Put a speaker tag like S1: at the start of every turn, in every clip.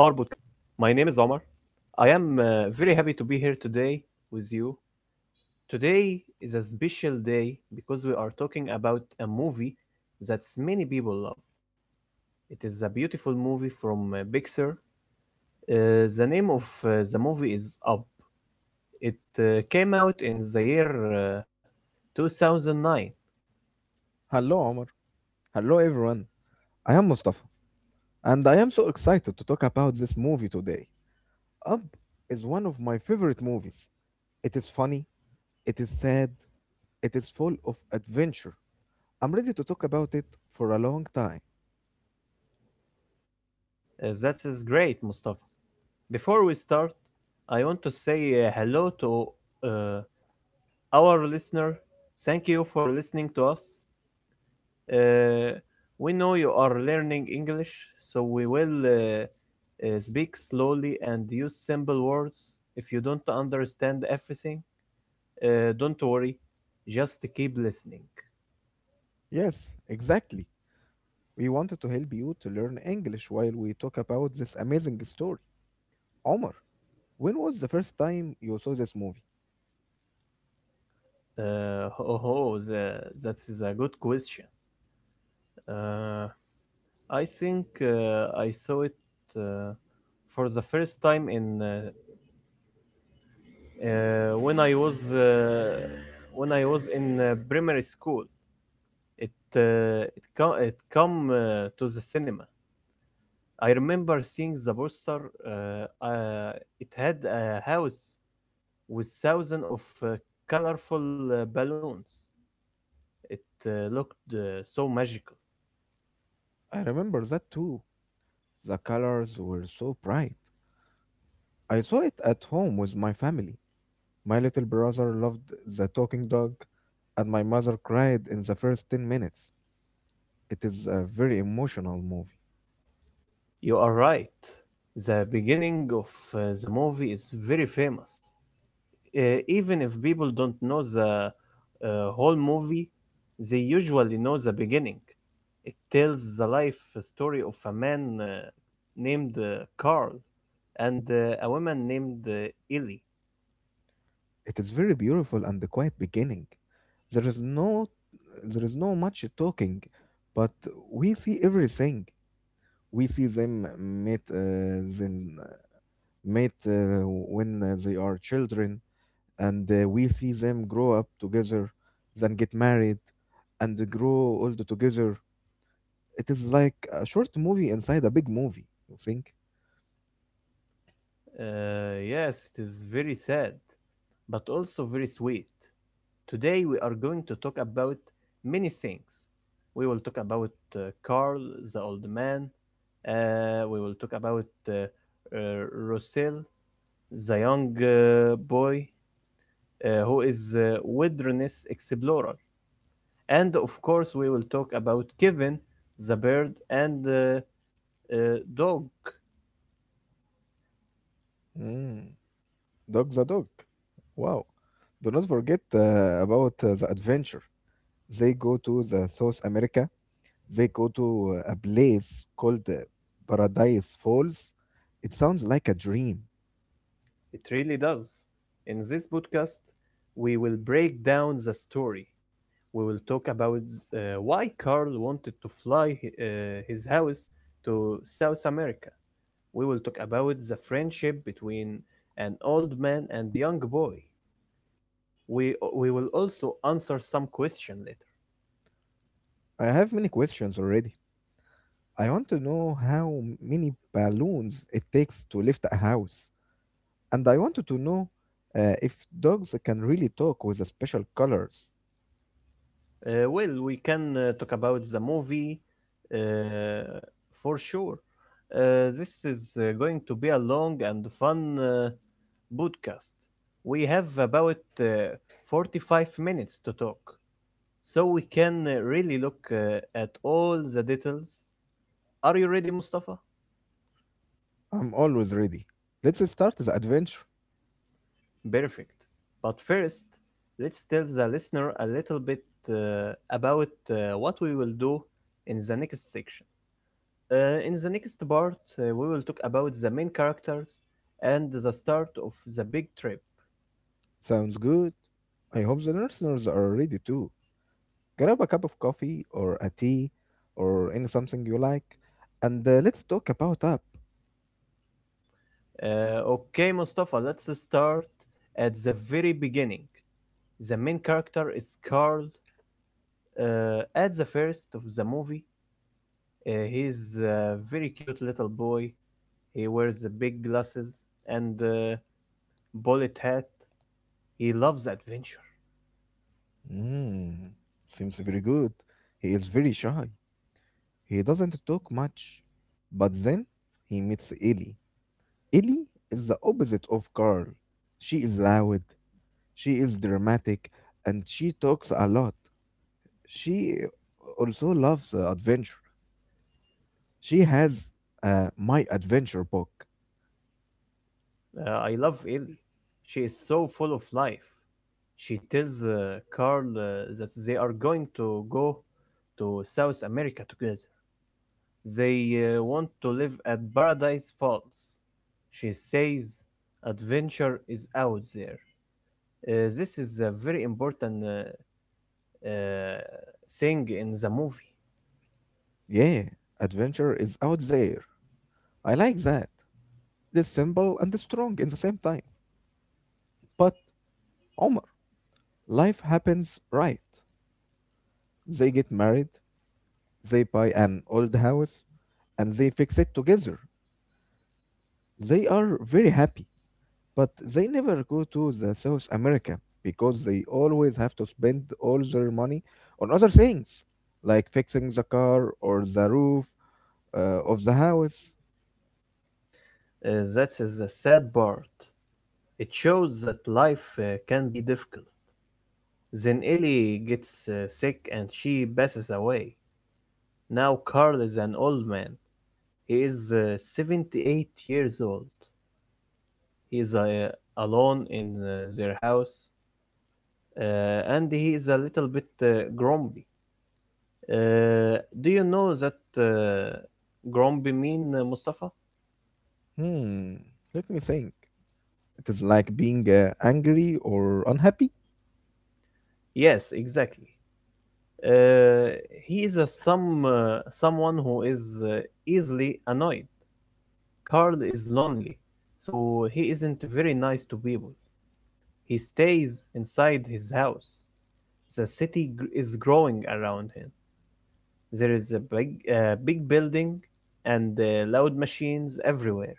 S1: My name is Omar. I am very happy to be here today with you. Today is a special day because we are talking about a movie that many people love. It is a beautiful movie from Pixar. The name of the movie is Up. It came out in the year 2009.
S2: Hello, Omar. Hello, everyone. I am Mustafa, and I am so excited to talk about this movie today. Up is one of my favorite movies. It is funny, it is sad, it is full of adventure. I'm ready to talk about it for a long time.
S1: That is great, Mustafa. Before we start, I want to say hello to uh, our listener, thank you for listening to us. Uh, we know you are learning English, so we will speak slowly and use simple words. If you don't understand everything, don't worry, just keep listening.
S2: Yes, exactly. We wanted to help you to learn English while we talk about this amazing story. Omar, when was the first time you saw this movie?
S1: Uh, oh, oh the, that is a good question. Uh, I think I saw it uh, for the first time in Uh, when I was uh, when I was in primary school, it it come to the cinema. I remember seeing the poster. Uh, uh, it had a house with thousands of colorful balloons. It looked so magical.
S2: I remember that too. The colors were so bright. I saw it at home with my family. My little brother loved the talking dog, and my mother cried in the first 10 minutes. It is a very emotional movie.
S1: You are right. The beginning of the movie is very famous. Even if people don't know the uh, whole movie, they usually know the beginning. It tells the life story of a man named Carl and a woman named Ellie.
S2: It is very beautiful and a quiet beginning. There is no there is no much talking, but we see everything. We see them meet when they are children, and we see them grow up together, then get married, and grow old together. It is like a short movie inside a big movie. You think?
S1: Yes, it is very sad, but also very sweet. Today we are going to talk about many things. We will talk about Carl, the old man. We will talk about uh, Russell, the young boy who is a wilderness explorer. And of course, we will talk about Kevin, the bird, and the dog.
S2: Mm, dog the dog. Wow. Do not forget about the adventure. They go to the South America. They go to a place called Paradise Falls. It sounds like a dream.
S1: It really does. In this podcast, we will break down the story. We will talk about why Carl wanted to his house to South America. We will talk about the friendship between an old man and young boy. We will also answer some question later.
S2: I have many questions already. I want to know how many balloons it takes to lift a house. And I wanted to know if dogs can really talk with the special colors.
S1: Well, we can talk about the movie uh, for sure. This is going to be a long and fun podcast. We have about 45 minutes to talk, so we can really look at all the details. Are you ready, Mustafa?
S2: I'm always ready. Let's start the adventure.
S1: Perfect. But first, let's tell the listener a little bit about what we will do in the next section. In the next part, we will talk about the main characters and the start of the big trip.
S2: Sounds good. I hope the listeners are ready too. Grab a cup of coffee or a tea or any something you like and let's talk about up.
S1: Okay, Mustafa, let's start at the very beginning. The main character is Carl. At the first of the movie, he's a very cute little boy. He wears the big glasses and Bullet he loves adventure.
S2: Mm, seems very good. He is very shy. He doesn't talk much. But then he meets Ellie. Ellie is the opposite of Carl. She is loud, she is dramatic, and she talks a lot. She also loves adventure. She has my adventure book.
S1: I love Ellie. She is so full of life. She tells Carl that they are going to go to South America together. They want to live at Paradise Falls. She says adventure is out there. This is a very important uh, thing in the movie.
S2: Yeah, adventure is out there. I like that. It's simple and strong in the same time. But Omar, life happens right. They get married, they buy an old house, and they fix it together. They are very happy, but they never go to the South America because they always have to spend all their money on other things, like fixing the car or the roof of the house.
S1: That is the sad part. It shows that life can be difficult. Then Ellie gets sick and she passes away. Now Carl is an old man. He is 78 years old. He is alone in their house uh, and he is a little bit grumpy. Do you know that grumpy mean, Mustafa?
S2: Hmm, let me think. It is like being angry or unhappy.
S1: Yes, exactly. Uh, he is a some someone who is easily annoyed. Carl is lonely, so he isn't very nice to people. He stays inside his house. The is growing around him. There is a big building and loud machines everywhere.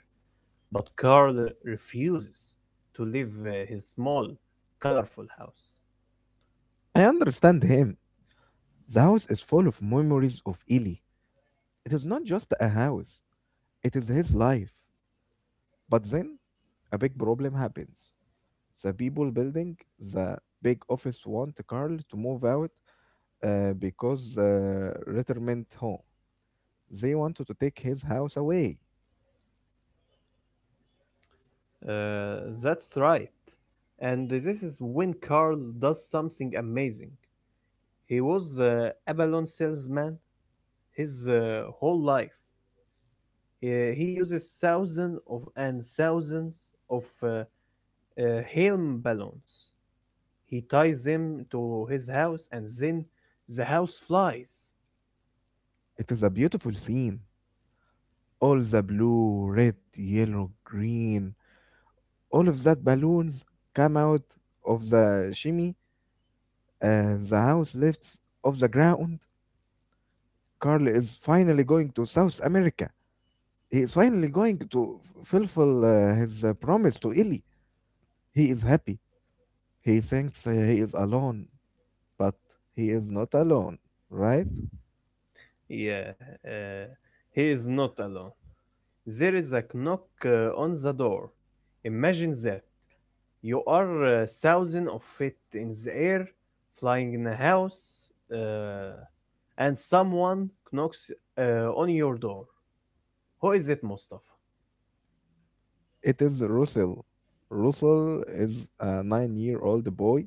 S1: But Carl refuses to leave his small, colorful house.
S2: I understand him. The house is full of memories of Eli. It is not just a house, it is his life. But then a big problem happens. The people building the big office want Carl to move out because the retirement home. They wanted to take his house away.
S1: Uh, that's right. And this is when Carl does something amazing. He was a balloon salesman his whole life. He uses thousands of and thousands of uh, helium balloons. He ties them to his house, and then the house flies.
S2: It is a beautiful scene. All the blue, red, yellow, green, all of that balloons come out of the chimney and the house lifts off the ground. Carl is finally going to South America. He is finally going to fulfill his promise to Illy. He is happy. He thinks he is alone, but he is not alone, right?
S1: Yeah, uh, he is not alone. There is a knock on the door. Imagine that you are thousand of feet in the air, flying in a house, and someone knocks on your door. Who is it, Mustafa?
S2: It is Russell. Russell is a 9-year old boy.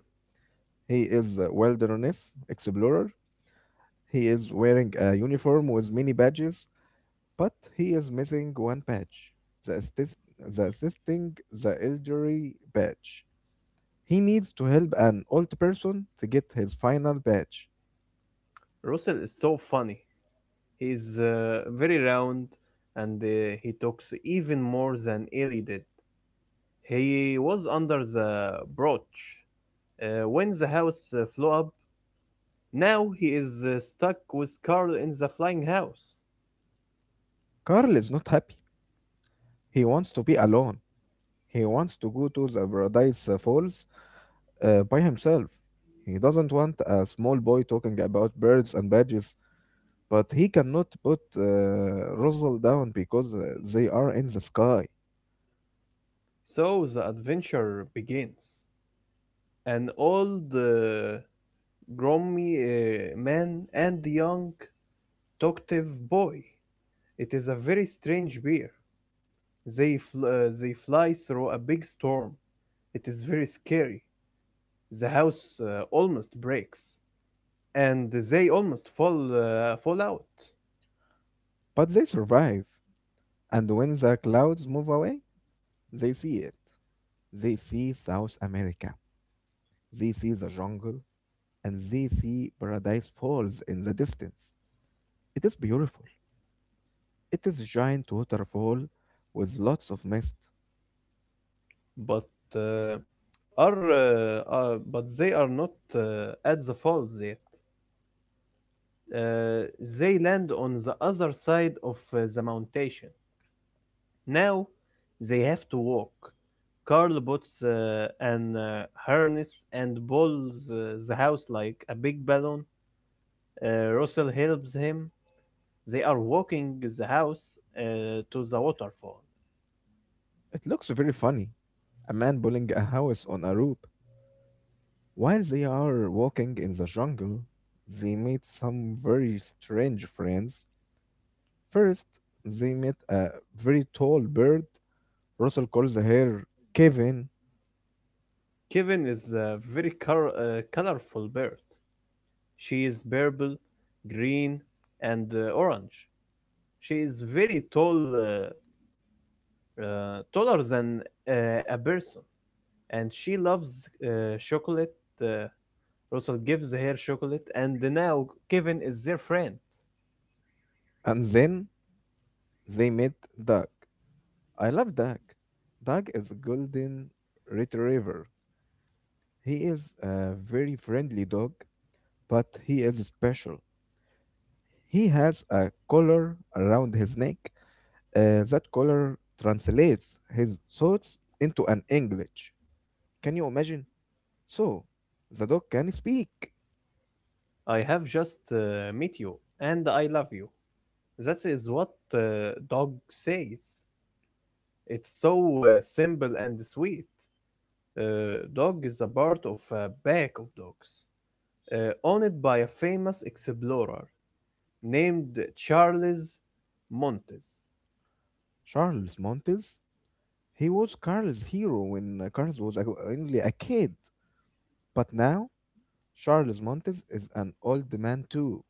S2: He is a wilderness explorer. He is wearing a uniform with many badges. But he is missing one badge, the, assist- the assisting the elderly badge. He needs to help an old person to get his final badge.
S1: Russell is so funny. He's very round, and he talks even more than Ellie did. He was under the brooch when the house flew up. Now he is stuck with Carl in the flying house.
S2: Carl is not happy. He wants to be alone. He wants to go to the Paradise Falls by himself. He doesn't want a small boy talking about birds and badges, but he cannot put Rosal down because they are in the sky.
S1: So the adventure begins. An old grimy man and a young talkative boy. It is a very strange bear. They fly through a big storm. It is very scary. The house almost breaks, and they almost fall out.
S2: But they survive, and when the clouds move away, they see it. They see South America, they see the jungle, and they see Paradise Falls in the distance. It is beautiful. It is a giant waterfall with lots of mist.
S1: But uh, but they are not at the fall there. Uh, they land on the other side of the mountain. Now they have to walk. Carl puts an harness and pulls the house like a big balloon. Russell helps him. They are walking the house to the waterfall.
S2: It looks very funny. A man building a house on a rope. While they are walking in the jungle, they meet some very strange friends. First, they met a very tall bird. Russell calls her Kevin,
S1: Kevin is a very colorful bird. She is purple, green, and orange. She is very tall, taller than a person, and she loves chocolate. uh, Russell gives her chocolate, and now Kevin is their friend.
S2: and then they met Doug. I love Doug. Doug is a golden retriever. He is a very friendly dog, but he is special. He has a collar around his neck. That collar translates his thoughts into an English. Can you imagine? So, the dog can speak.
S1: I have just met you, and I love you. That is what dog says. It's so simple and sweet. Dog is a part of a pack of dogs. Owned by a famous explorer named Charles Montes.
S2: Charles Montes, he was Carl's hero when Carl was only a kid, but now Charles Montes is an old man too,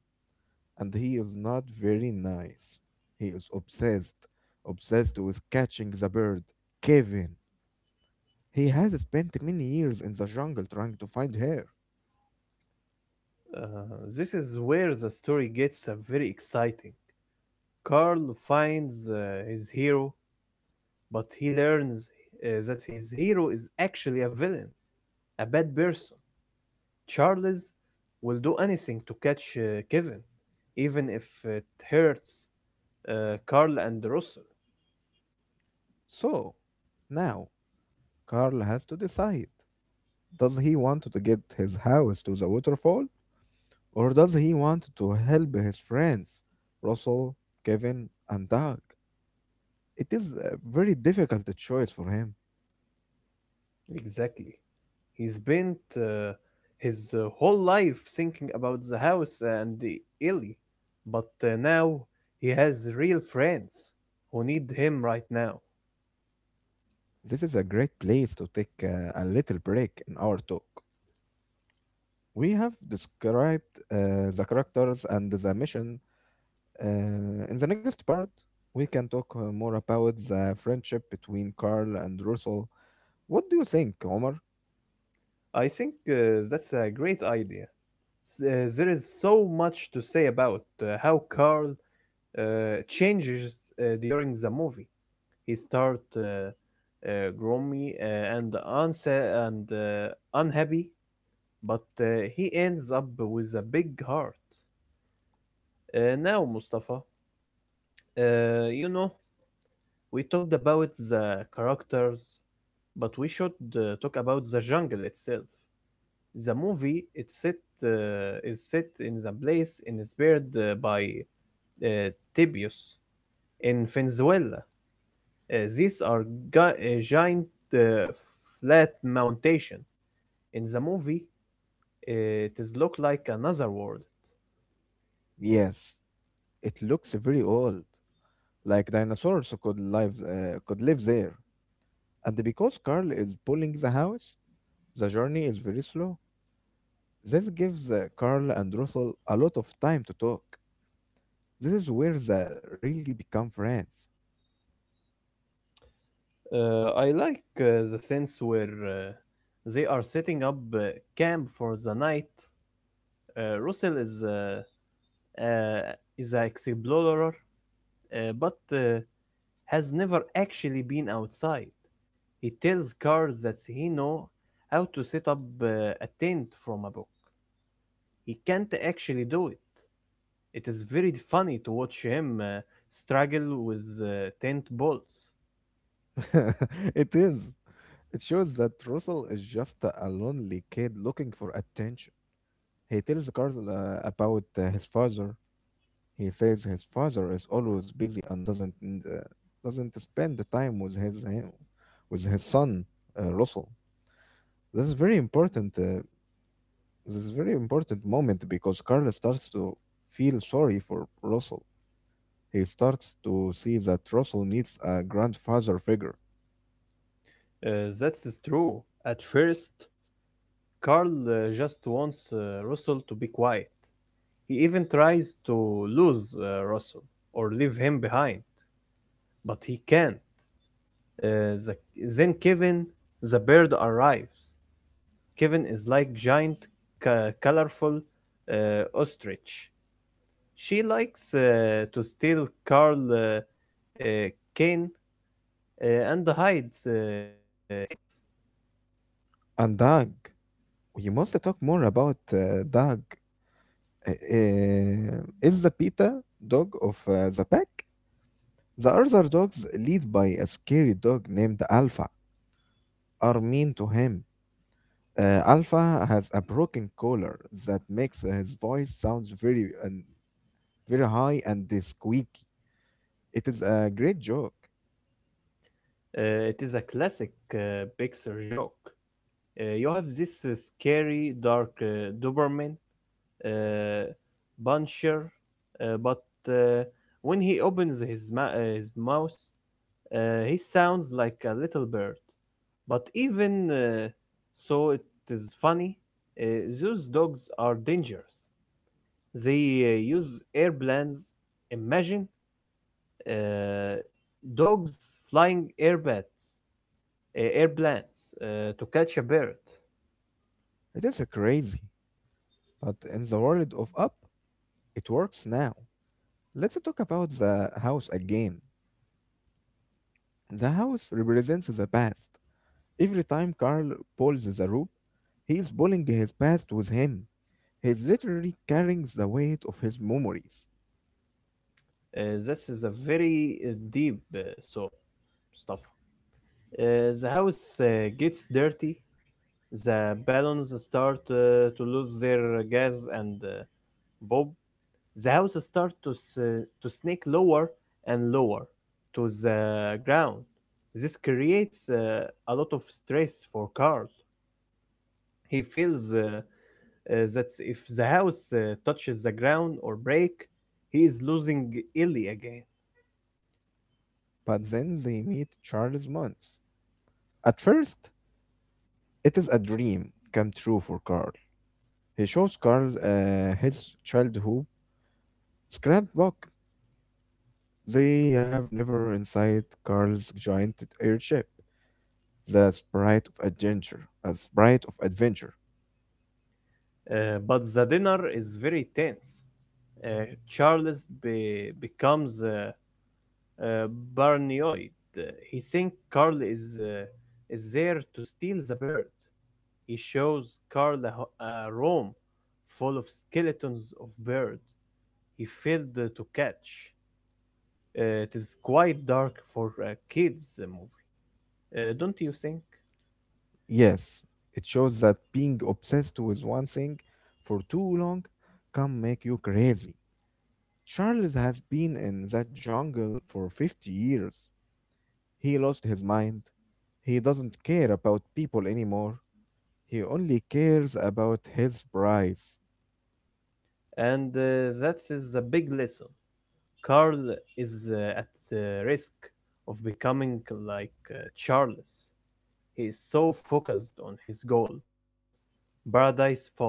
S2: and he is not very nice. He is obsessed with catching the bird, Kevin. He has spent many years in the jungle trying to find her.
S1: Uh, this is where the story gets very exciting. Carl finds his hero, but he learns that his hero is actually a villain, a bad person. Charles will do anything to catch Kevin, even if it hurts Carl and Russell.
S2: So, now, Carl has to decide. Does he want to get his house to the waterfall, or does he want to help his friends, Russell, Kevin, and Doug? It is a very difficult choice for him.
S1: Exactly. He's spent his whole life thinking about the house and the Ellie, but now he has real friends who need him right now.
S2: This is a great place to take a little break in our talk. We have described the characters and the mission. Uh, in the next part, we can talk more about the friendship between Carl and Russell. What do you think, Omar?
S1: I think that's a great idea. There is so much to say about how Carl uh, changes during the movie. He starts grummy and unhappy but he ends up with a big heart. Now, Mustafa, you know, we talked about the characters, but we should talk about the jungle itself. The movie is set in the place inspired by uh, Tibius in Venezuela. These are giant uh, flat mountain. In the movie, it is look like another world.
S2: Yes, it looks very old, like dinosaurs could live there. And because Carl is pulling the house, the journey is very slow. This gives Carl and Russell a lot of time to talk. This is where they really become friends.
S1: I like the sense where they are setting up camp for the night. Russell uh, is an explorer, but has never actually been outside. He tells Carl that he know how to set up a tent from a book. He can't actually do it. It is very funny to watch him struggle with tent balls.
S2: It is. It shows that Russell is just a lonely kid looking for attention. He tells Carl about his father. He says his father is always busy and doesn't spend the time with with his son Russell. This is very important. This is very important moment because Carl starts to feel sorry for Russell. He starts to see that Russell needs a grandfather figure.
S1: That's true. At first, Carl just wants Russell to be quiet. He even tries to lose Russell or leave him behind, but he can't. Uh, the, then Kevin, the bird, arrives. Kevin is like giant, colorful ostrich. She likes to steal Carl Kane and hides his things.
S2: And Doug, we must talk more about Doug. Uh, is the beta dog of the pack. The other dogs, led by a scary dog named Alpha, are mean to him. Alpha has a broken collar that makes his voice sounds very and very high and squeaky. It is a great joke.
S1: It is a classic Pixar joke. You have this scary dark Doberman uh, buncher, but uh, when he opens his mouth, he sounds like a little bird. But even so, it is funny. Uh, those dogs are dangerous. They use airplanes. Imagine uh, dogs flying airbags, airplanes to catch a bird.
S2: It is crazy, but in the world of Up, it works now. Let's talk about the house again. The house represents the past. Every time Carl pulls the rope, he is pulling his past with him. He is literally carrying the weight of his memories.
S1: This is a very deep thought, Mustafa. The house gets dirty. The balloons start to lose their gas and Bob. The house starts to to sneak lower and lower to the ground. This creates a lot of stress for Carl. He feels that if the house touches the ground or break, he is losing Ellie again.
S2: But then they meet Charles Muntz. At first, it is a dream come true for Carl. He shows Carl his childhood scrapbook. They have never inside Carl's giant airship. The sprite of adventure. A sprite of adventure.
S1: But the dinner is very tense. Uh, Charles becomes uh, paranoid. Uh, He thinks Carl is there to steal the bird. He shows Carl a room full of skeletons of bird. He failed to catch. It is quite dark for a kids' movie, don't you think?
S2: Yes, it shows that being obsessed with one thing for too long can make you crazy. Charles has been in that jungle for 50 years. He lost his mind. He doesn't care about people anymore. He only cares about his prize.
S1: And that is a big lesson. Carl is at risk of becoming like Charles. He is so focused on his goal, Paradise Falls,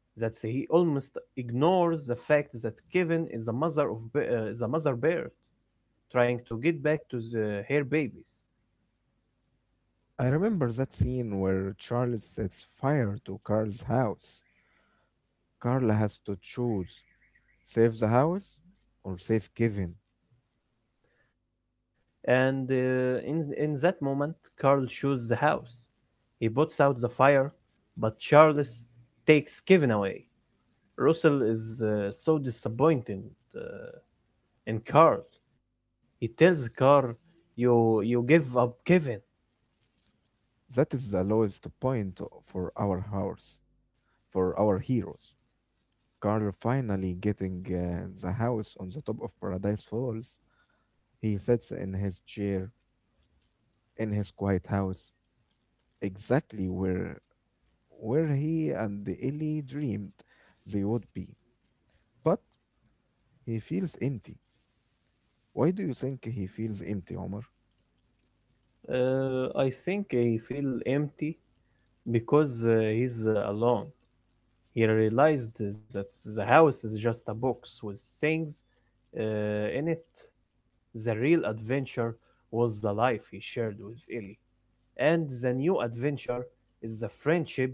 S1: that he almost ignores the fact that Kevin is a the mother bird trying to get back to her babies.
S2: I remember that scene where Charles sets fire to Carl's house. Carla has to choose, save the house or save Kevin.
S1: And in that moment, Carl shoots the house. He puts out the fire, but Charles takes Kevin away. Russell is so disappointed uh, And Carl, he tells Carl, "You give up Kevin."
S2: That is the lowest point for our house, for our heroes. Carl finally getting the house on the top of Paradise Falls. He sits in his chair in his quiet house, exactly where he and Ellie dreamed they would be. But he feels empty. Why do you think he feels empty, Omar?
S1: I think I feel empty because he's alone. He realized that the house is just a box with things in it. The real adventure was the life he shared with Ellie, and the new adventure is the friendship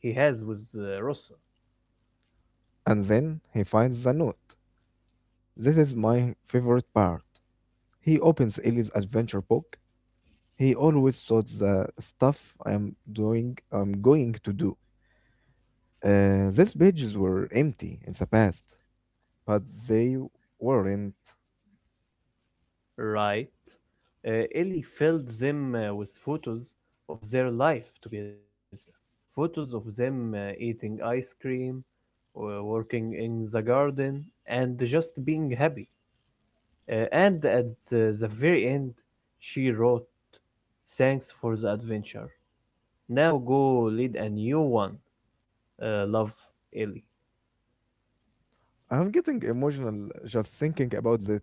S1: he has with Russell.
S2: And then he finds the note. This is my favorite part. He opens Ellie's adventure book. He always thought the stuff I'm doing, I'm going to do. These pages were empty in the past, but they weren't.
S1: Right? Ellie filled them with photos of their life together. Photos of them eating ice cream, working in the garden, and just being happy. And at the very end, she wrote, "Thanks for the adventure. Now go lead a new one. Love, Ellie."
S2: I'm getting emotional just thinking about that.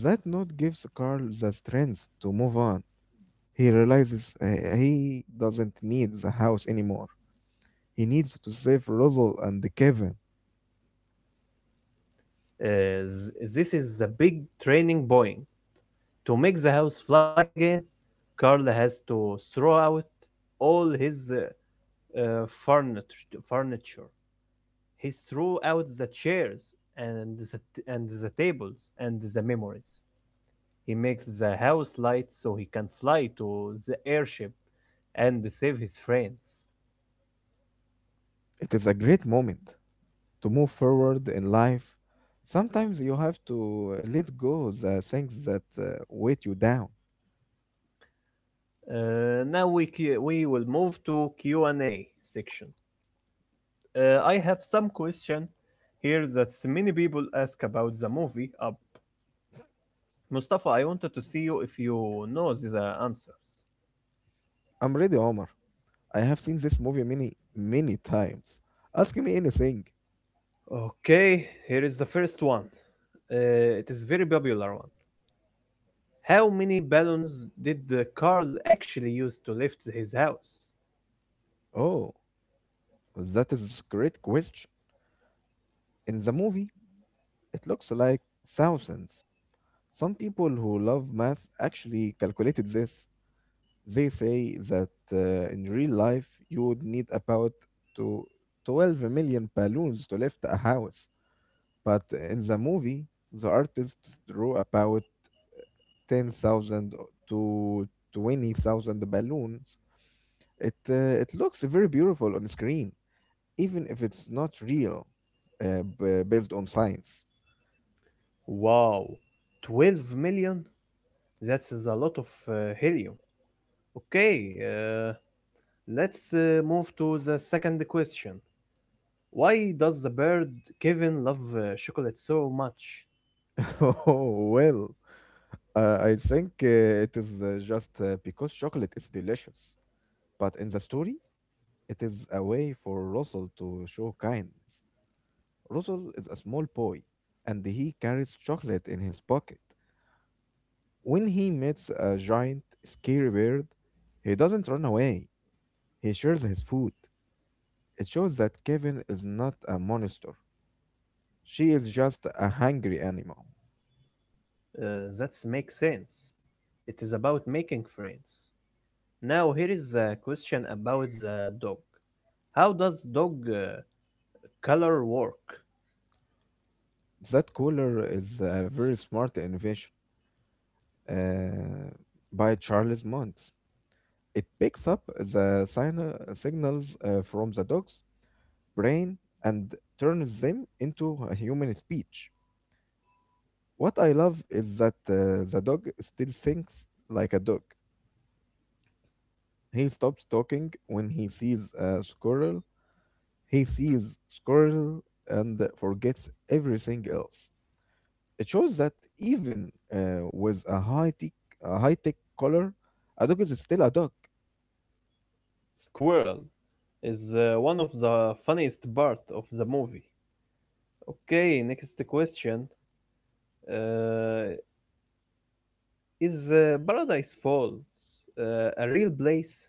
S2: That note gives Carl the strength to move on. He realizes he doesn't need the house anymore. He needs to save Rosal and Kevin.
S1: This is a big training point. To make the house fly again, Carl has to throw out all his furniture. He threw out the chairs and the tables and the memories. He makes the house light so he can fly to the airship and save his friends.
S2: It is a great moment. To move forward in life, sometimes you have to let go the things that weight you down.
S1: We will move to Q&A section. I have some question here that many people ask about the movie Up. Mustafa, I wanted to see you if you know the answers.
S2: I'm ready, Omar. I have seen this movie many, many times. Ask me anything.
S1: Okay, here is the first one. It is very popular one. How many balloons did Carl actually use to lift his house?
S2: Oh, that is a great question. In the movie, it looks like thousands. Some people who love math actually calculated this. They say that in real life you would need about to 12 million balloons to lift a house. But in the movie, the artist drew about 10,000 to 20,000 balloons. It looks very beautiful on screen, even if it's not real, based on science.
S1: Wow, 12 million? That is a lot of helium. Okay, let's move to the second question. Why does the bird Kevin love chocolate so much?
S2: Oh, well, I think it is just because chocolate is delicious. But in the story, it is a way for Russell to show kindness. Russell is a small boy, and he carries chocolate in his pocket. When he meets a giant, scary bird, he doesn't run away. He shares his food. It shows that Kevin is not a monster. She is just a hungry animal.
S1: That makes sense. It is about making friends. Now here is a question about the dog. How does dog color work?
S2: That cooler is a very smart invention uh, by Charles Mont. It picks up the signals from the dog's brain and turns them into a human speech. What I love is that the dog still thinks like a dog. He stops talking when he sees a squirrel. He sees squirrel and forgets everything else. It shows that even with a high tech collar, a dog is still a dog.
S1: Squirrel is one of the funniest part of the movie. Okay, next question. Uh, is Paradise Falls a real place?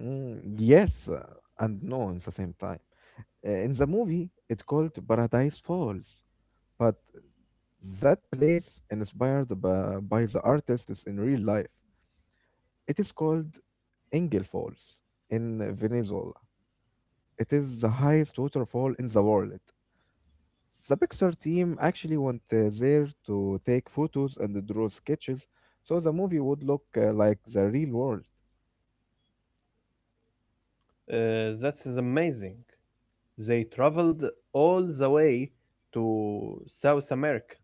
S2: Mm, yes and no at the same time. In the movie, it's called Paradise Falls, but that place inspired by the artists in real life. It is called Engel Falls in Venezuela. It is the highest waterfall in the world. The Pixar team actually went there to take photos and draw sketches so the movie would look like the real world.
S1: That is amazing. They traveled all the way to South America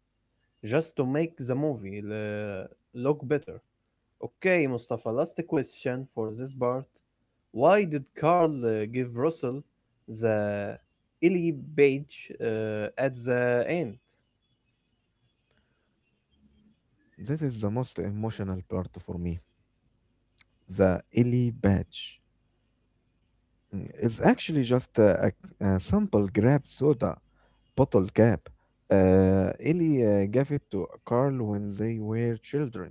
S1: just to make the movie look better. Okay, Mustafa, last question for this part. Why did Carl give Russell the Illy badge at the end?
S2: This is the most emotional part for me. The Illy badge. Mm, it's actually just a simple grape soda Bottle Cap. Ellie gave it to Carl when they were children.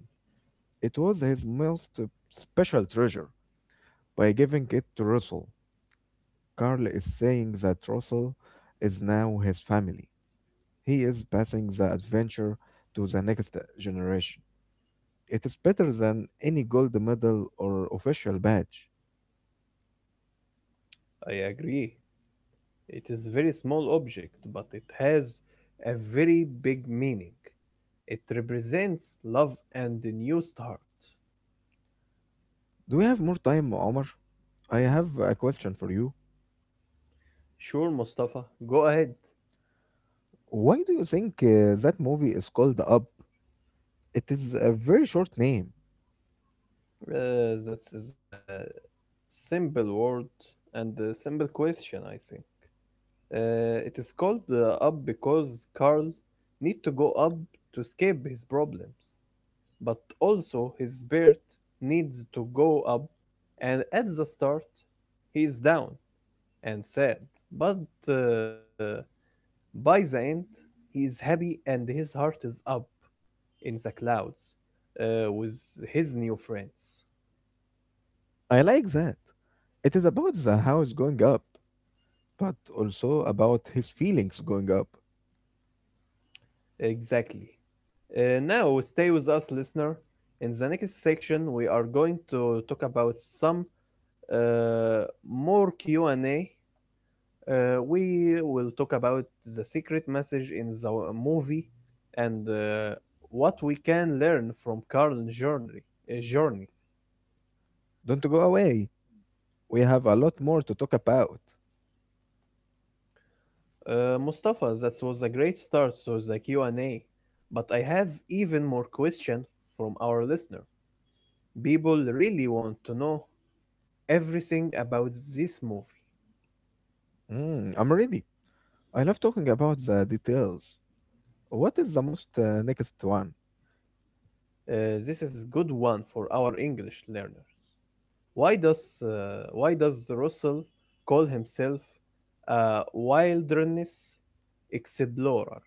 S2: It was his most special treasure. By giving it to Russell, Carl is saying that Russell is now his family. He is passing the adventure to the next generation. It is better than any gold medal or official badge.
S1: I agree. It is a very small object, but it has a very big meaning. It represents love and a new start.
S2: Do we have more time, Omar? I have a question for you.
S1: Sure, Mustafa, go ahead.
S2: Why do you think that movie is called Up? It is a very short name.
S1: That's a simple word and a simple question, I think. It is called up because Carl need to go up to escape his problems, but also his spirit needs to go up, and at the start, he is down and sad, but uh, by the end, he is happy and his heart is up in the clouds with his new friends.
S2: I like that. It is about the house going up, but also about his feelings going up.
S1: Exactly. Now, stay with us, listener. In the next section, we are going to talk about some uh, more Q and A. We will talk about the secret message in the movie and what we can learn from Carl's journey.
S2: Don't go away. We have a lot more to talk about.
S1: Mustafa, that was a great start to the Q and A, but I have even more question from our listener. People really want to know everything about this movie.
S2: Mm, I'm ready. I love talking about the details. What is the most next one?
S1: This is good one for our English learner. Why does Russell call himself a wilderness explorer?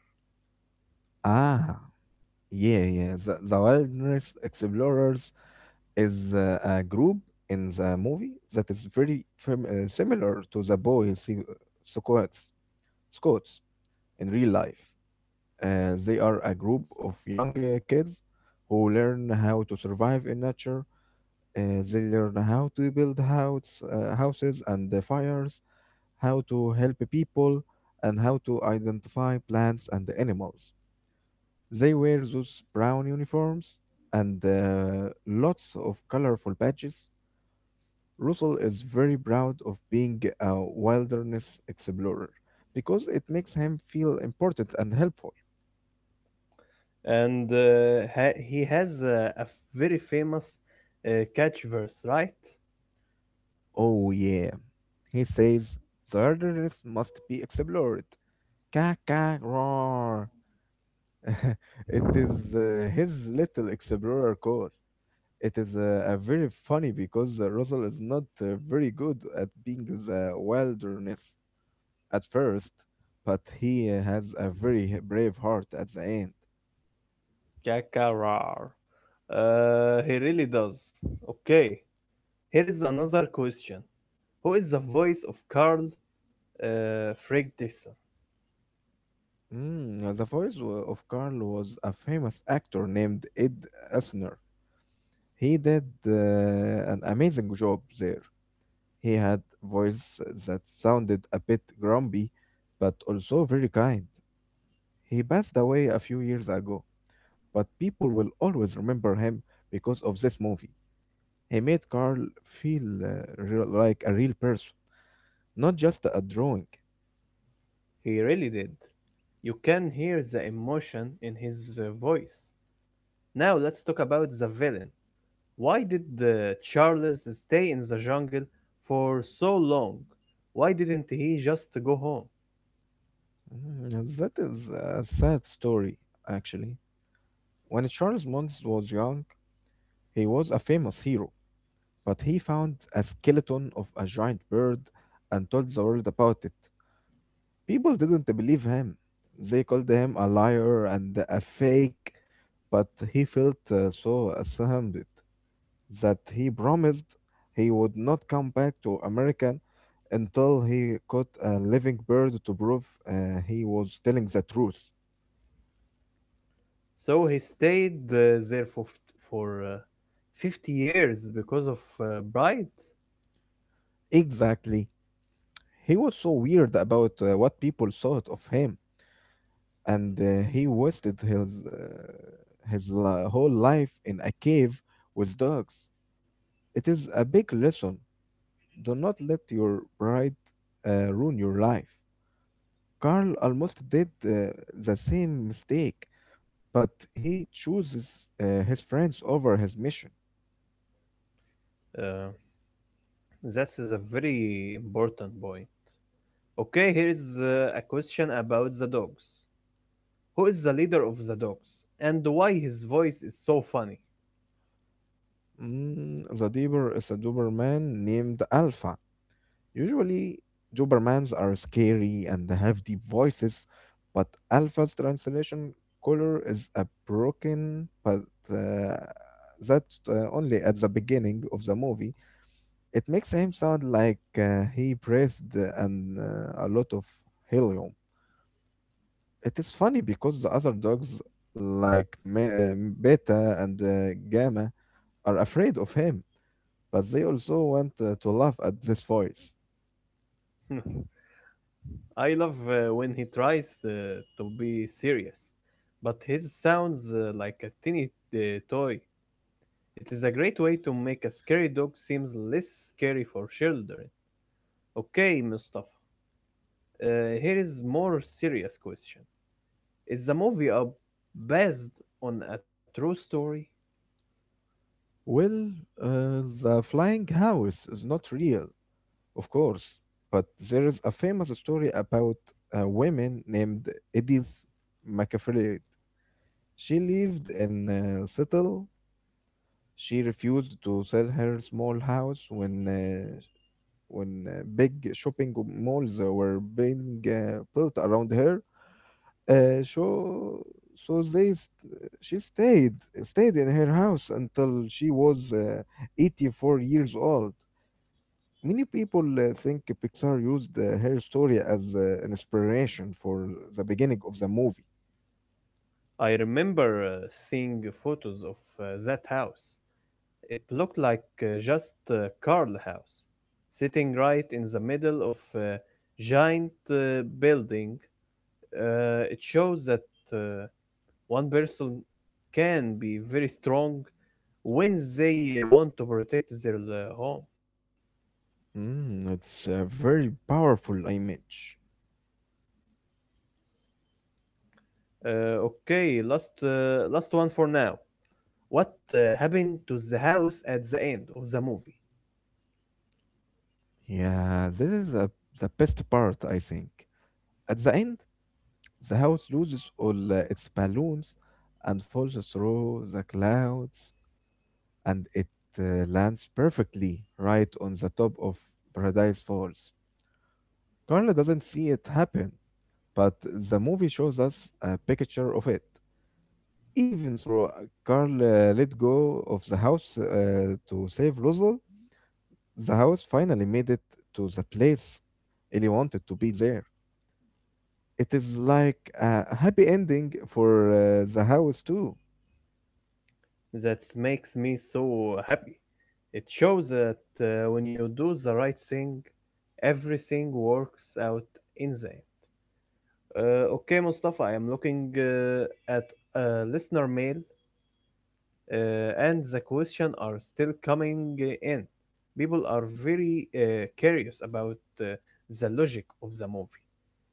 S2: Ah, yeah, yeah. The Wilderness Explorers is a group in the movie that is very similar to the boy Scots, Scots in real life. They are a group of young kids who learn how to survive in nature. They learn how to build houses and fires, how to help people, and how to identify plants and animals. They wear those brown uniforms and lots of colorful badges. Russell is very proud of being a wilderness explorer because it makes him feel important and helpful.
S1: He has a very famous catch verse, right?
S2: Oh, yeah. He says the wilderness must be explored. Ka ka roar. It is his little explorer call. It is a very funny because Russell is not very good at being the wilderness at first, but he has a very brave heart at the end.
S1: Kakarar. He really does. Okay. Here is another question. Who is the voice of Carl Fredrickson?
S2: Mm, the voice of Carl was a famous actor named Ed Asner. He did an amazing job there. He had voice that sounded a bit grumpy, but also very kind. He passed away a few years ago, but people will always remember him because of this movie. He made Carl feel real, like a real person, not just a drawing.
S1: He really did. You can hear the emotion in his voice. Now let's talk about the villain. Why did Charles stay in the jungle for so long? Why didn't he just go home?
S2: Mm, that is a sad story, actually. When Charles Mons was young, he was a famous hero, but he found a skeleton of a giant bird and told the world about it. People didn't believe him. They called him a liar and a fake, but he felt so ashamed that he promised he would not come back to America until he caught a living bird to prove he was telling the truth.
S1: So he stayed there for 50 years because of Bright.
S2: Exactly. He was so weird about what people thought of him, and he wasted his whole life in a cave with dogs. It is a big lesson. Do not let your pride ruin your life. Carl almost did the same mistake, but he chooses his friends over his mission.
S1: Uh, that is a very important boy. Okay, here is a question about the dogs. Who is the leader of the dogs and why his voice is so funny.
S2: Mm, the Deeper is a Doberman named Alpha. Usually, Dobermans are scary and have deep voices, but Alpha's translation color is a broken, but uh, that only at the beginning of the movie. It makes him sound like he breathed and a lot of helium. It is funny because the other dogs, like Beta and Gamma, are afraid of him, but they also want to laugh at this voice.
S1: I love when he tries to be serious, but his sounds like a teeny uh, toy. It is a great way to make a scary dog seems less scary for children. Okay, Mustafa. Here is more serious question. Is the movie based on a true story?
S2: Well, the flying house is not real, of course, but there is a famous story about a woman named Edith McAfee. She lived in Seattle. She refused to sell her small house when big shopping malls were being built around her. Uh, so she stayed in her house until she was 84 years old. Many people think Pixar used her story as an inspiration for the beginning of the movie.
S1: I remember seeing photos of that house. It looked like just Carl House, sitting right in the middle of a giant building. It shows that uh, one person can be very strong when they want to protect their home.
S2: Mm, it's a very powerful image.
S1: Uh, okay, last one for now. What happened to the house at the end of the movie?
S2: Yeah, this is the best part, I think. At the end, the house loses all its balloons and falls through the clouds, and it lands perfectly right on the top of Paradise Falls. Carla doesn't see it happen, but the movie shows us a picture of it. Even though Carl let go of the house to save Rosal, the house finally made it to the place Ellie wanted to be there. It is like a happy ending for the house, too.
S1: That makes me so happy. It shows that when you do the right thing, everything works out in the end. Okay, Mustafa, I am looking at listener mail, and the questions are still coming in. People are very curious about the logic of the movie.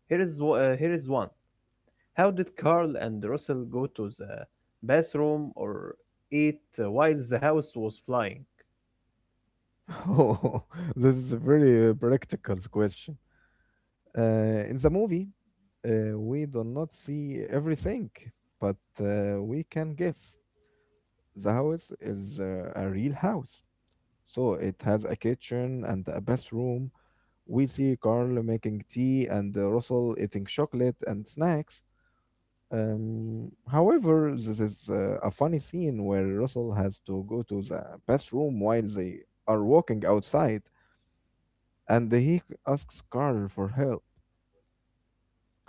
S1: Here is one. How did Carl and Russell go to the bathroom or eat while the house was flying?
S2: Oh, this is a very practical question. In the movie, we do not see everything, but we can guess. The house is a real house, so it has a kitchen and a bathroom. We see Carl making tea and Russell eating chocolate and snacks. However, this is a funny scene where Russell has to go to the bathroom while they are walking outside, and he asks Carl for help.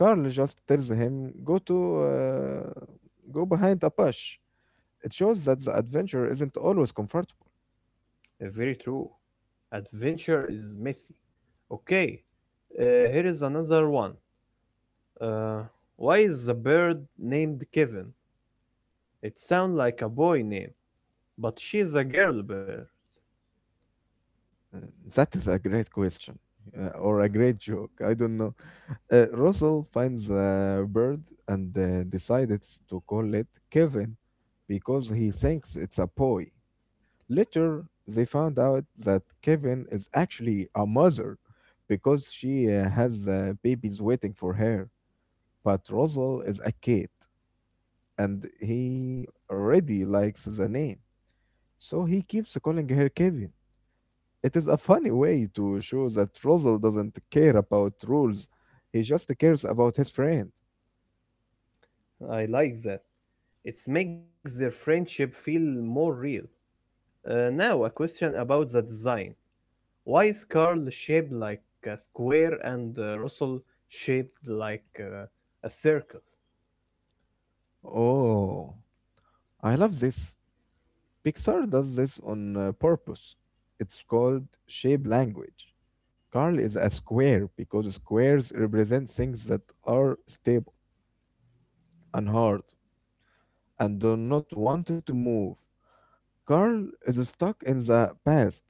S2: Carl just tells him, Go behind a bush." It shows that the adventure isn't always comfortable.
S1: Very true. Adventure is messy. Okay, uh, here is another one. Uh, why is the bird named Kevin? It sounds like a boy name, but she's a girl bird.
S2: Uh, That is a great question or a great joke. I don't know. Russell finds a bird and decides to call it Kevin because he thinks it's a boy. Later, they found out that Kevin is actually a mother because she has babies waiting for her. But Rosal is a kid and he already likes the name. So he keeps calling her Kevin. It is a funny way to show that Russell doesn't care about rules. He just cares about his friend.
S1: I like that. It makes their friendship feel more real. Now, a question about the design. Why is Carl shaped like a square and Russell shaped like a circle?
S2: Oh, I love this. Pixar does this on purpose. It's called shape language. Carl is a square because squares represent things that are stable and hard and do not want to move. Carl is stuck in the past.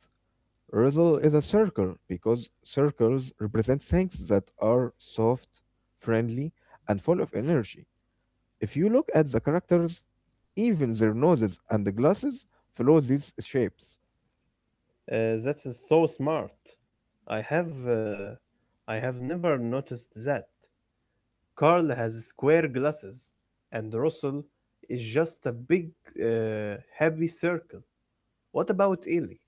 S2: Rizzle is a circle because circles represent things that are soft, friendly, and full of energy. If you look at the characters, even their noses and the glasses follow these shapes.
S1: That's so smart. I have uh, I have never noticed that. Carl has square glasses, and Russell is just a big, happy circle. What about Ellie?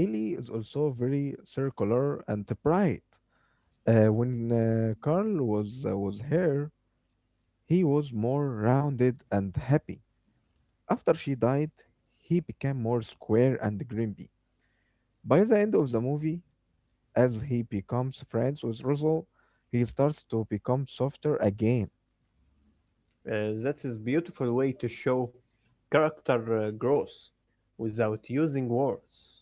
S2: Ellie is also very circular and bright. When Carl was here, he was more rounded and happy. After she died, he became more square and grumpy. By the end of the movie, as he becomes friends with Russell, he starts to become softer again.
S1: That is beautiful way to show character growth without using words.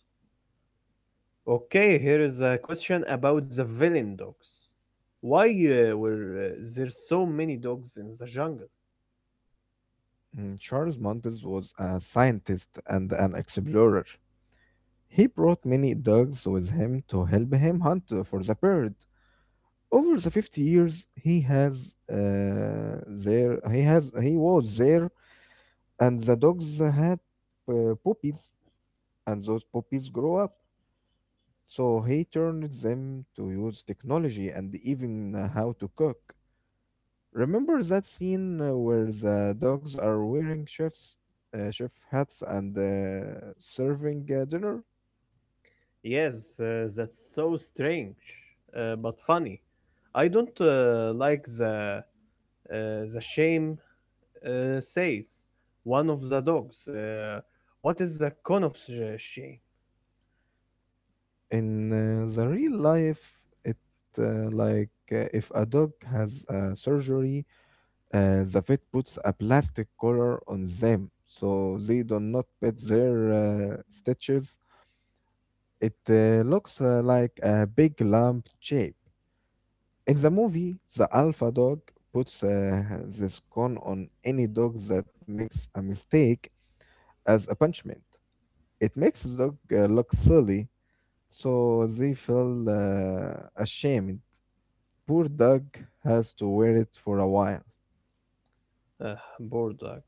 S1: Okay, here is a question about the villain dogs. Why were there so many dogs in the jungle?
S2: Mm, Charles Montes was a scientist and an explorer. He brought many dogs with him to help him hunt for the bird. Over the 50 years, he has there he has he was there, and the dogs had puppies, and those puppies grow up. So he turned them to use technology and even how to cook. Remember that scene where the dogs are wearing chef hats and serving dinner?
S1: Yes, that's so strange, but funny. I don't like uh, the shame says one of the dogs. What is the con of shame?
S2: In the real life, it like if a dog has surgery, the vet puts a plastic collar on them so they do not pet their stitches. It looks like a big lump shape. In the movie, the alpha dog puts this cone on any dog that makes a mistake as a punishment. It makes the dog look silly, so they feel ashamed. Poor dog has to wear it for a while.
S1: Uh, Poor dog.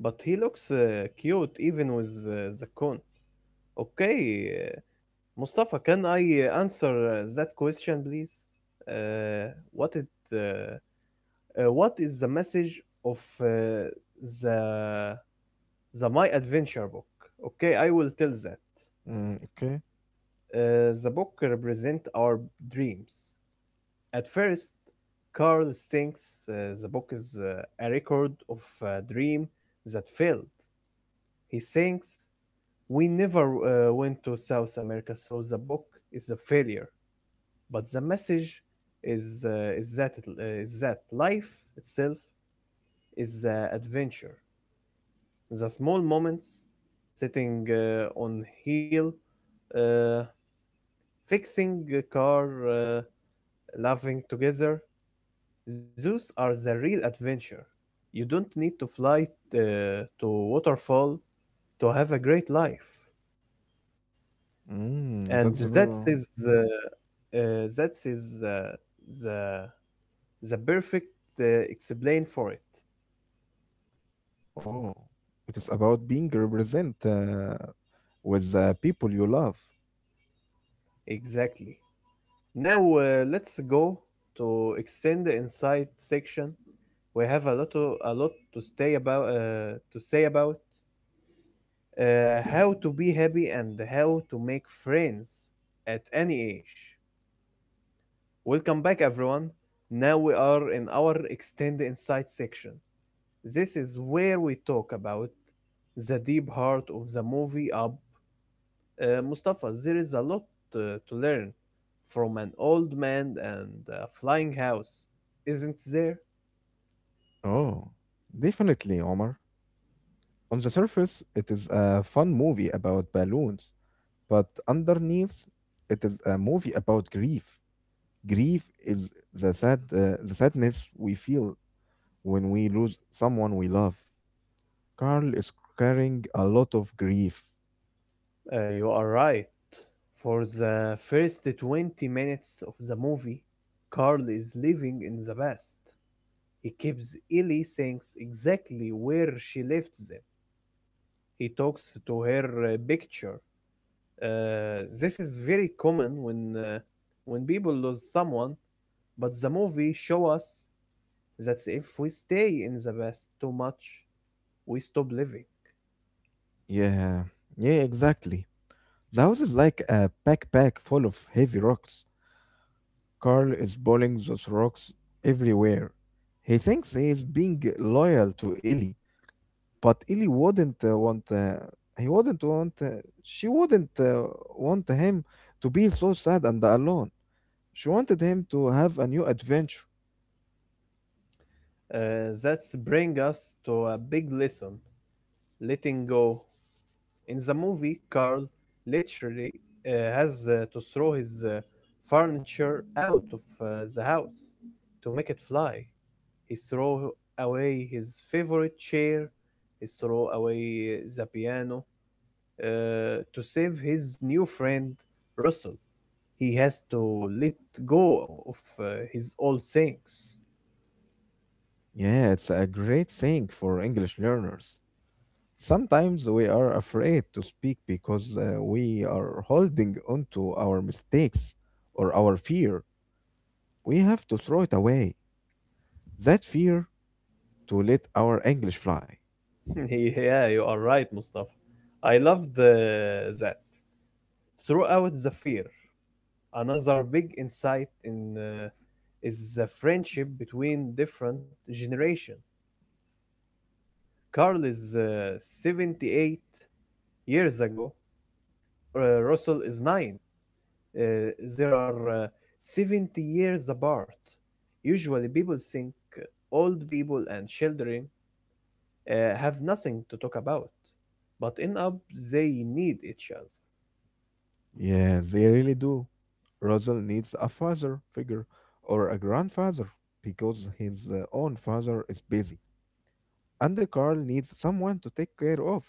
S1: But he looks cute even with the con. Okay, uh, Mustafa, can I answer that question, please? Uh, what it uh, what is the message of the the My Adventure book. Okay, I will tell that.
S2: Mm, okay.
S1: The book represent our dreams. At first, Carl thinks the book is a record of a dream that failed. He thinks we never went to South America, so the book is a failure. But the message is that is that life itself is an adventure. The small moments, sitting on hill, uh, fixing a car, laughing together, those are the real adventure. You don't need to fly to waterfall to have a great life. And
S2: Mm, that's
S1: that
S2: very.
S1: is uh, uh, that is uh, the perfect uh, explain for it.
S2: Oh, it is about being represent with the people you love.
S1: Exactly. Now let's go to extend the inside section. We have a lot to, A lot to stay about to say about how to be happy and how to make friends at any age. Welcome back, everyone. Now we are in our Extend Insight section. This is where we talk about the deep heart of the movie Up. Mustafa, there is a lot to learn from an old man and a flying house, isn't there?
S2: Oh, definitely, Omar. On the surface, it is a fun movie about balloons, but underneath, it is a movie about grief. Grief is the sadness we feel when we lose someone we love. Carl is carrying a lot of grief.
S1: You are right. For the first 20 minutes of the movie, Carl is living in the past. He keeps Ellie things exactly where she left them. He talks to her picture. This is very common when people lose someone, but the movie show us that if we stay in the past too much, we stop living.
S2: Yeah, yeah, exactly. The house is like a backpack full of heavy rocks. Carl is pulling those rocks everywhere. He thinks he is being loyal to Ellie, but Ellie wouldn't want he wouldn't want she wouldn't want him to be so sad and alone. She wanted him to have a new adventure.
S1: That's bring us to a big lesson: letting go. In the movie, Carl literally uh, has to throw his furniture out of the house to make it fly. He threw away his favorite chair, he threw away the piano to save his new friend Russell. He has to let go of his old things.
S2: Yeah, it's a great thing for English learners. Sometimes we are afraid to speak because we are holding onto our mistakes or our fear. We have to throw it away. That fear to let our English fly.
S1: Yeah, you are right, Mustafa. I loved that. Throughout the fear, another big insight in is the friendship between different generations. Carl is 78 years ago, Russell is nine. Uh, there are 70 years apart. Usually, people think old people and children have nothing to talk about, but end up they need each other.
S2: Yeah, they really do. Russell needs a father figure or a grandfather because his own father is busy. And Carl needs someone to take care of.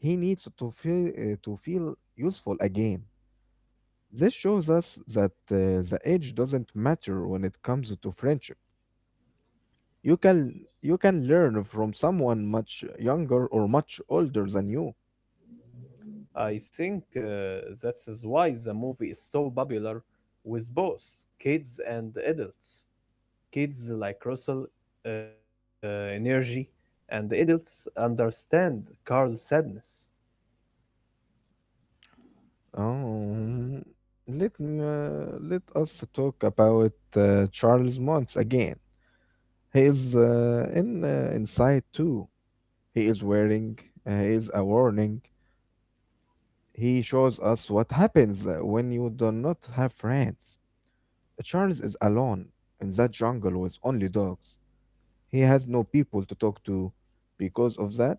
S2: He needs to feel useful again. This shows us that the age doesn't matter when it comes to friendship. You can you can learn from someone much younger or much older than you.
S1: I think that is why the movie is so popular with both kids and adults. Kids like Russell uh, energy, and the adults understand Carl's sadness.
S2: Um, Let us talk about Charles Mons again. He is in inside too. He is wearing. He is a warning. He shows us what happens when you do not have friends. Charles is alone in that jungle with only dogs. He has no people to talk to. Because of that,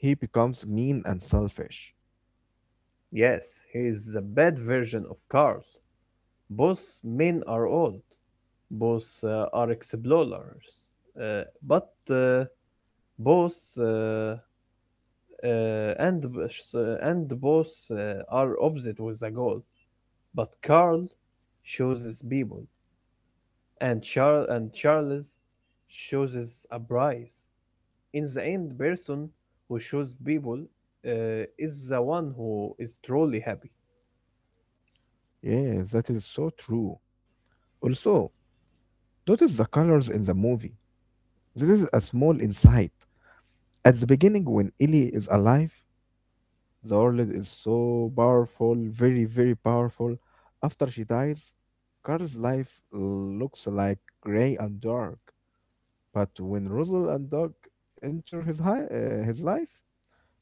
S2: he becomes mean and selfish.
S1: Yes, he is a bad version of Carl. Both men are old, both are explorers, but both and b- s- and both are opposite with a goal. But Carl chooses people, and Charles chooses a prize. In the end person who shows people is the one who is truly happy.
S2: Yes, that is so true. Also, notice the colors in the movie. This is a small insight. At the beginning, when Ellie is alive, the world is so powerful, very, very powerful. After she dies, Carl's life looks like gray and dark. But when Rosal and Doug enter his life,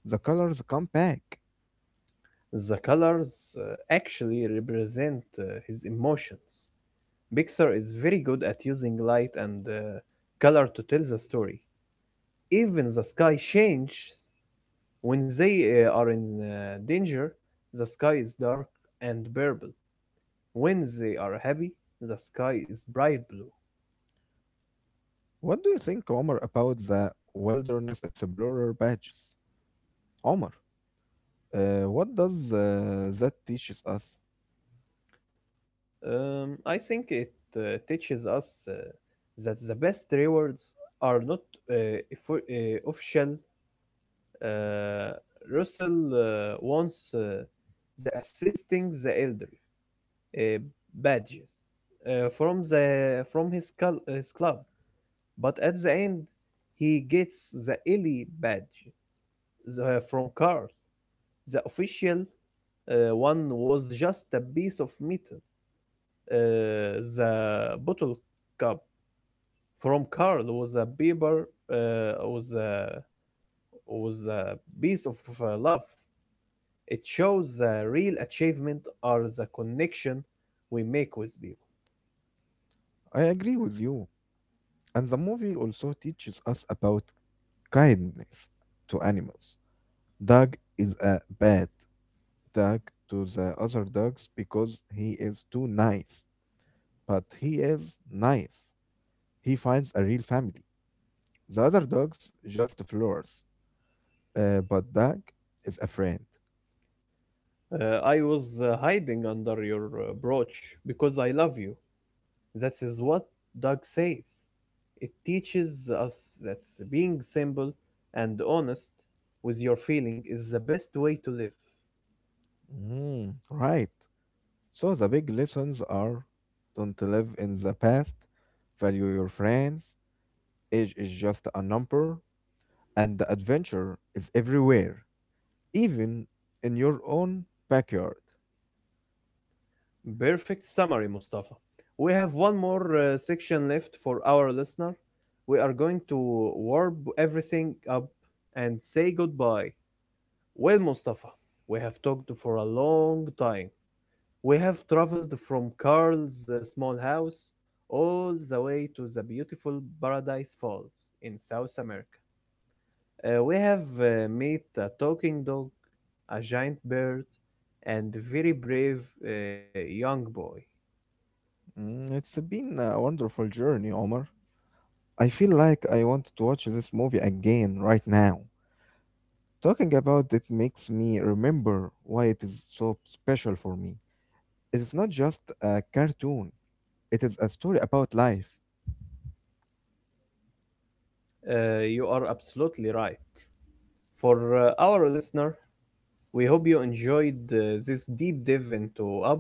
S2: the colors come back.
S1: The colors uh, actually represent his emotions. Pixar is very good at using light and color to tell the story. Even the sky changes when they are in danger. The sky is dark and purple. When they are happy, the sky is bright blue.
S2: What do you think, Omar, about the Wilderness Explorer badges? Omar, what does that teaches us?
S1: I think it teaches us that the best rewards are not uh, official. Uh, Russell wants the assisting the elderly uh, badges from his, his club, but at the end he gets the Ellie badge, from Carl. The official one was just a piece of metal. uh, the bottle cup from Carl was a paper uh, was a was a piece of love. It shows the real achievement or the connection we make with people.
S2: I agree with you. And the movie also teaches us about kindness to animals. Doug is a bad, tag to the other dogs because he is too nice. But he is nice. He finds a real family. The other dogs just floors. But Dag is a friend.
S1: I was hiding under your brooch because I love you. That is what Doug says. It teaches us that being simple and honest with your feeling is the best way to live.
S2: Mm, right. So the big lessons are don't live in the past, value your friends, age is just a number, and the adventure is everywhere, even in your own backyard.
S1: Perfect summary, Mustafa. We have one more section left for our listener. We are going to warp everything up and say goodbye. Well, Mustafa, we have talked for a long time. We have traveled from Carl's small house all the way to the beautiful Paradise Falls in South America. We have met a talking dog, a giant bird, and a very brave young boy.
S2: Mm, it's been a wonderful journey, Omar. I feel like I want to watch this movie again right now. Talking about it makes me remember why it is so special for me. It is not just a cartoon, it is a story about life.
S1: You are absolutely right. For our listener, we hope you enjoyed this deep dive into Up.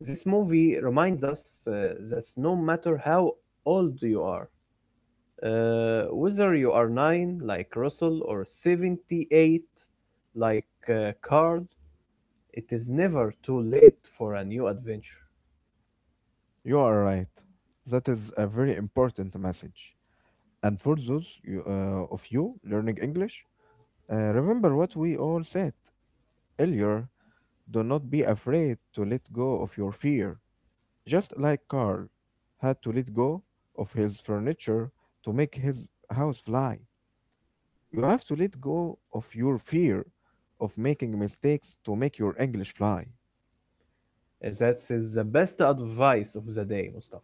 S1: This movie reminds us that no matter how old you are, whether you are 9 like Russell or 78 like Card, it is never too late for a new adventure.
S2: You are right. That is a very important message. And for of you learning English, remember what we all said earlier. Do not be afraid to let go of your fear, just like Carl had to let go of his furniture to make his house fly. You have to let go of your fear of making mistakes to make your English fly.
S1: That is the best advice of the day, Mustafa.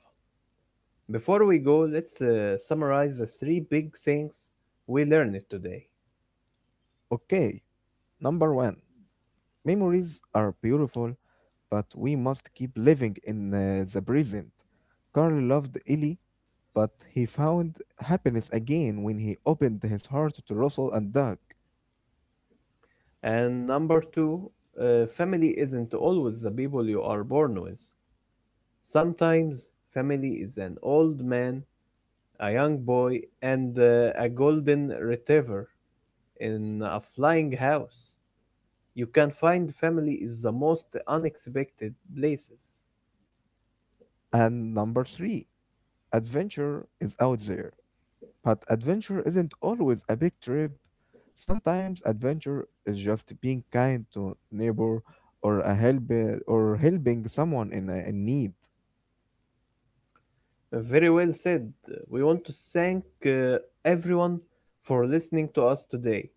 S1: Before we go, let's summarize the three big things we learned today.
S2: Okay, number one, memories are beautiful, but we must keep living in the present. Carl loved Ellie, but he found happiness again when he opened his heart to Russell and Doug.
S1: And number two, family isn't always the people you are born with. Sometimes family is an old man, a young boy, and a golden retriever in a flying house. You can find family is the most unexpected places.
S2: And number three, adventure is out there, but adventure isn't always a big trip. Sometimes adventure is just being kind to neighbor or a help or helping someone in, a, in need.
S1: Very well said. We want to thank everyone for listening to us today.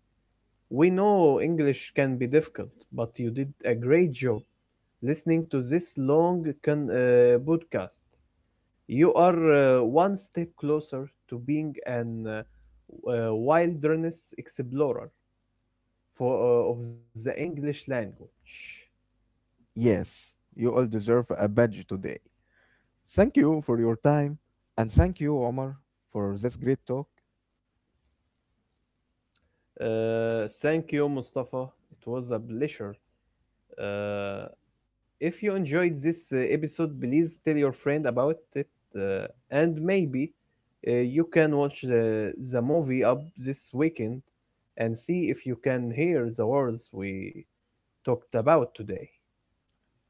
S1: We know English can be difficult, but you did a great job listening to this long podcast. You are one step closer to being an wilderness explorer for of the English language.
S2: Yes, you all deserve a badge today. Thank you for your time and thank you, Omar, for this great talk.
S1: Thank you, Mustafa. It was a pleasure. Uh, if you enjoyed this episode, please tell your friend about it, uh, and maybe you can watch the movie up this weekend and see if you can hear the words we talked about today.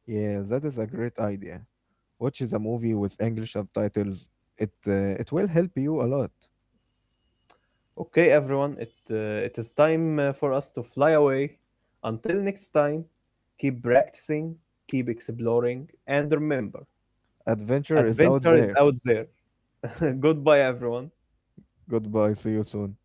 S2: Yeah, that is a great idea. Watch the movie with English subtitles. It will help you a lot.
S1: Okay, everyone, it is time for us to fly away. Until next time, keep practicing, keep exploring, and remember
S2: Adventure is out
S1: adventure is
S2: there.
S1: out there. Goodbye, everyone.
S2: Goodbye. See you soon.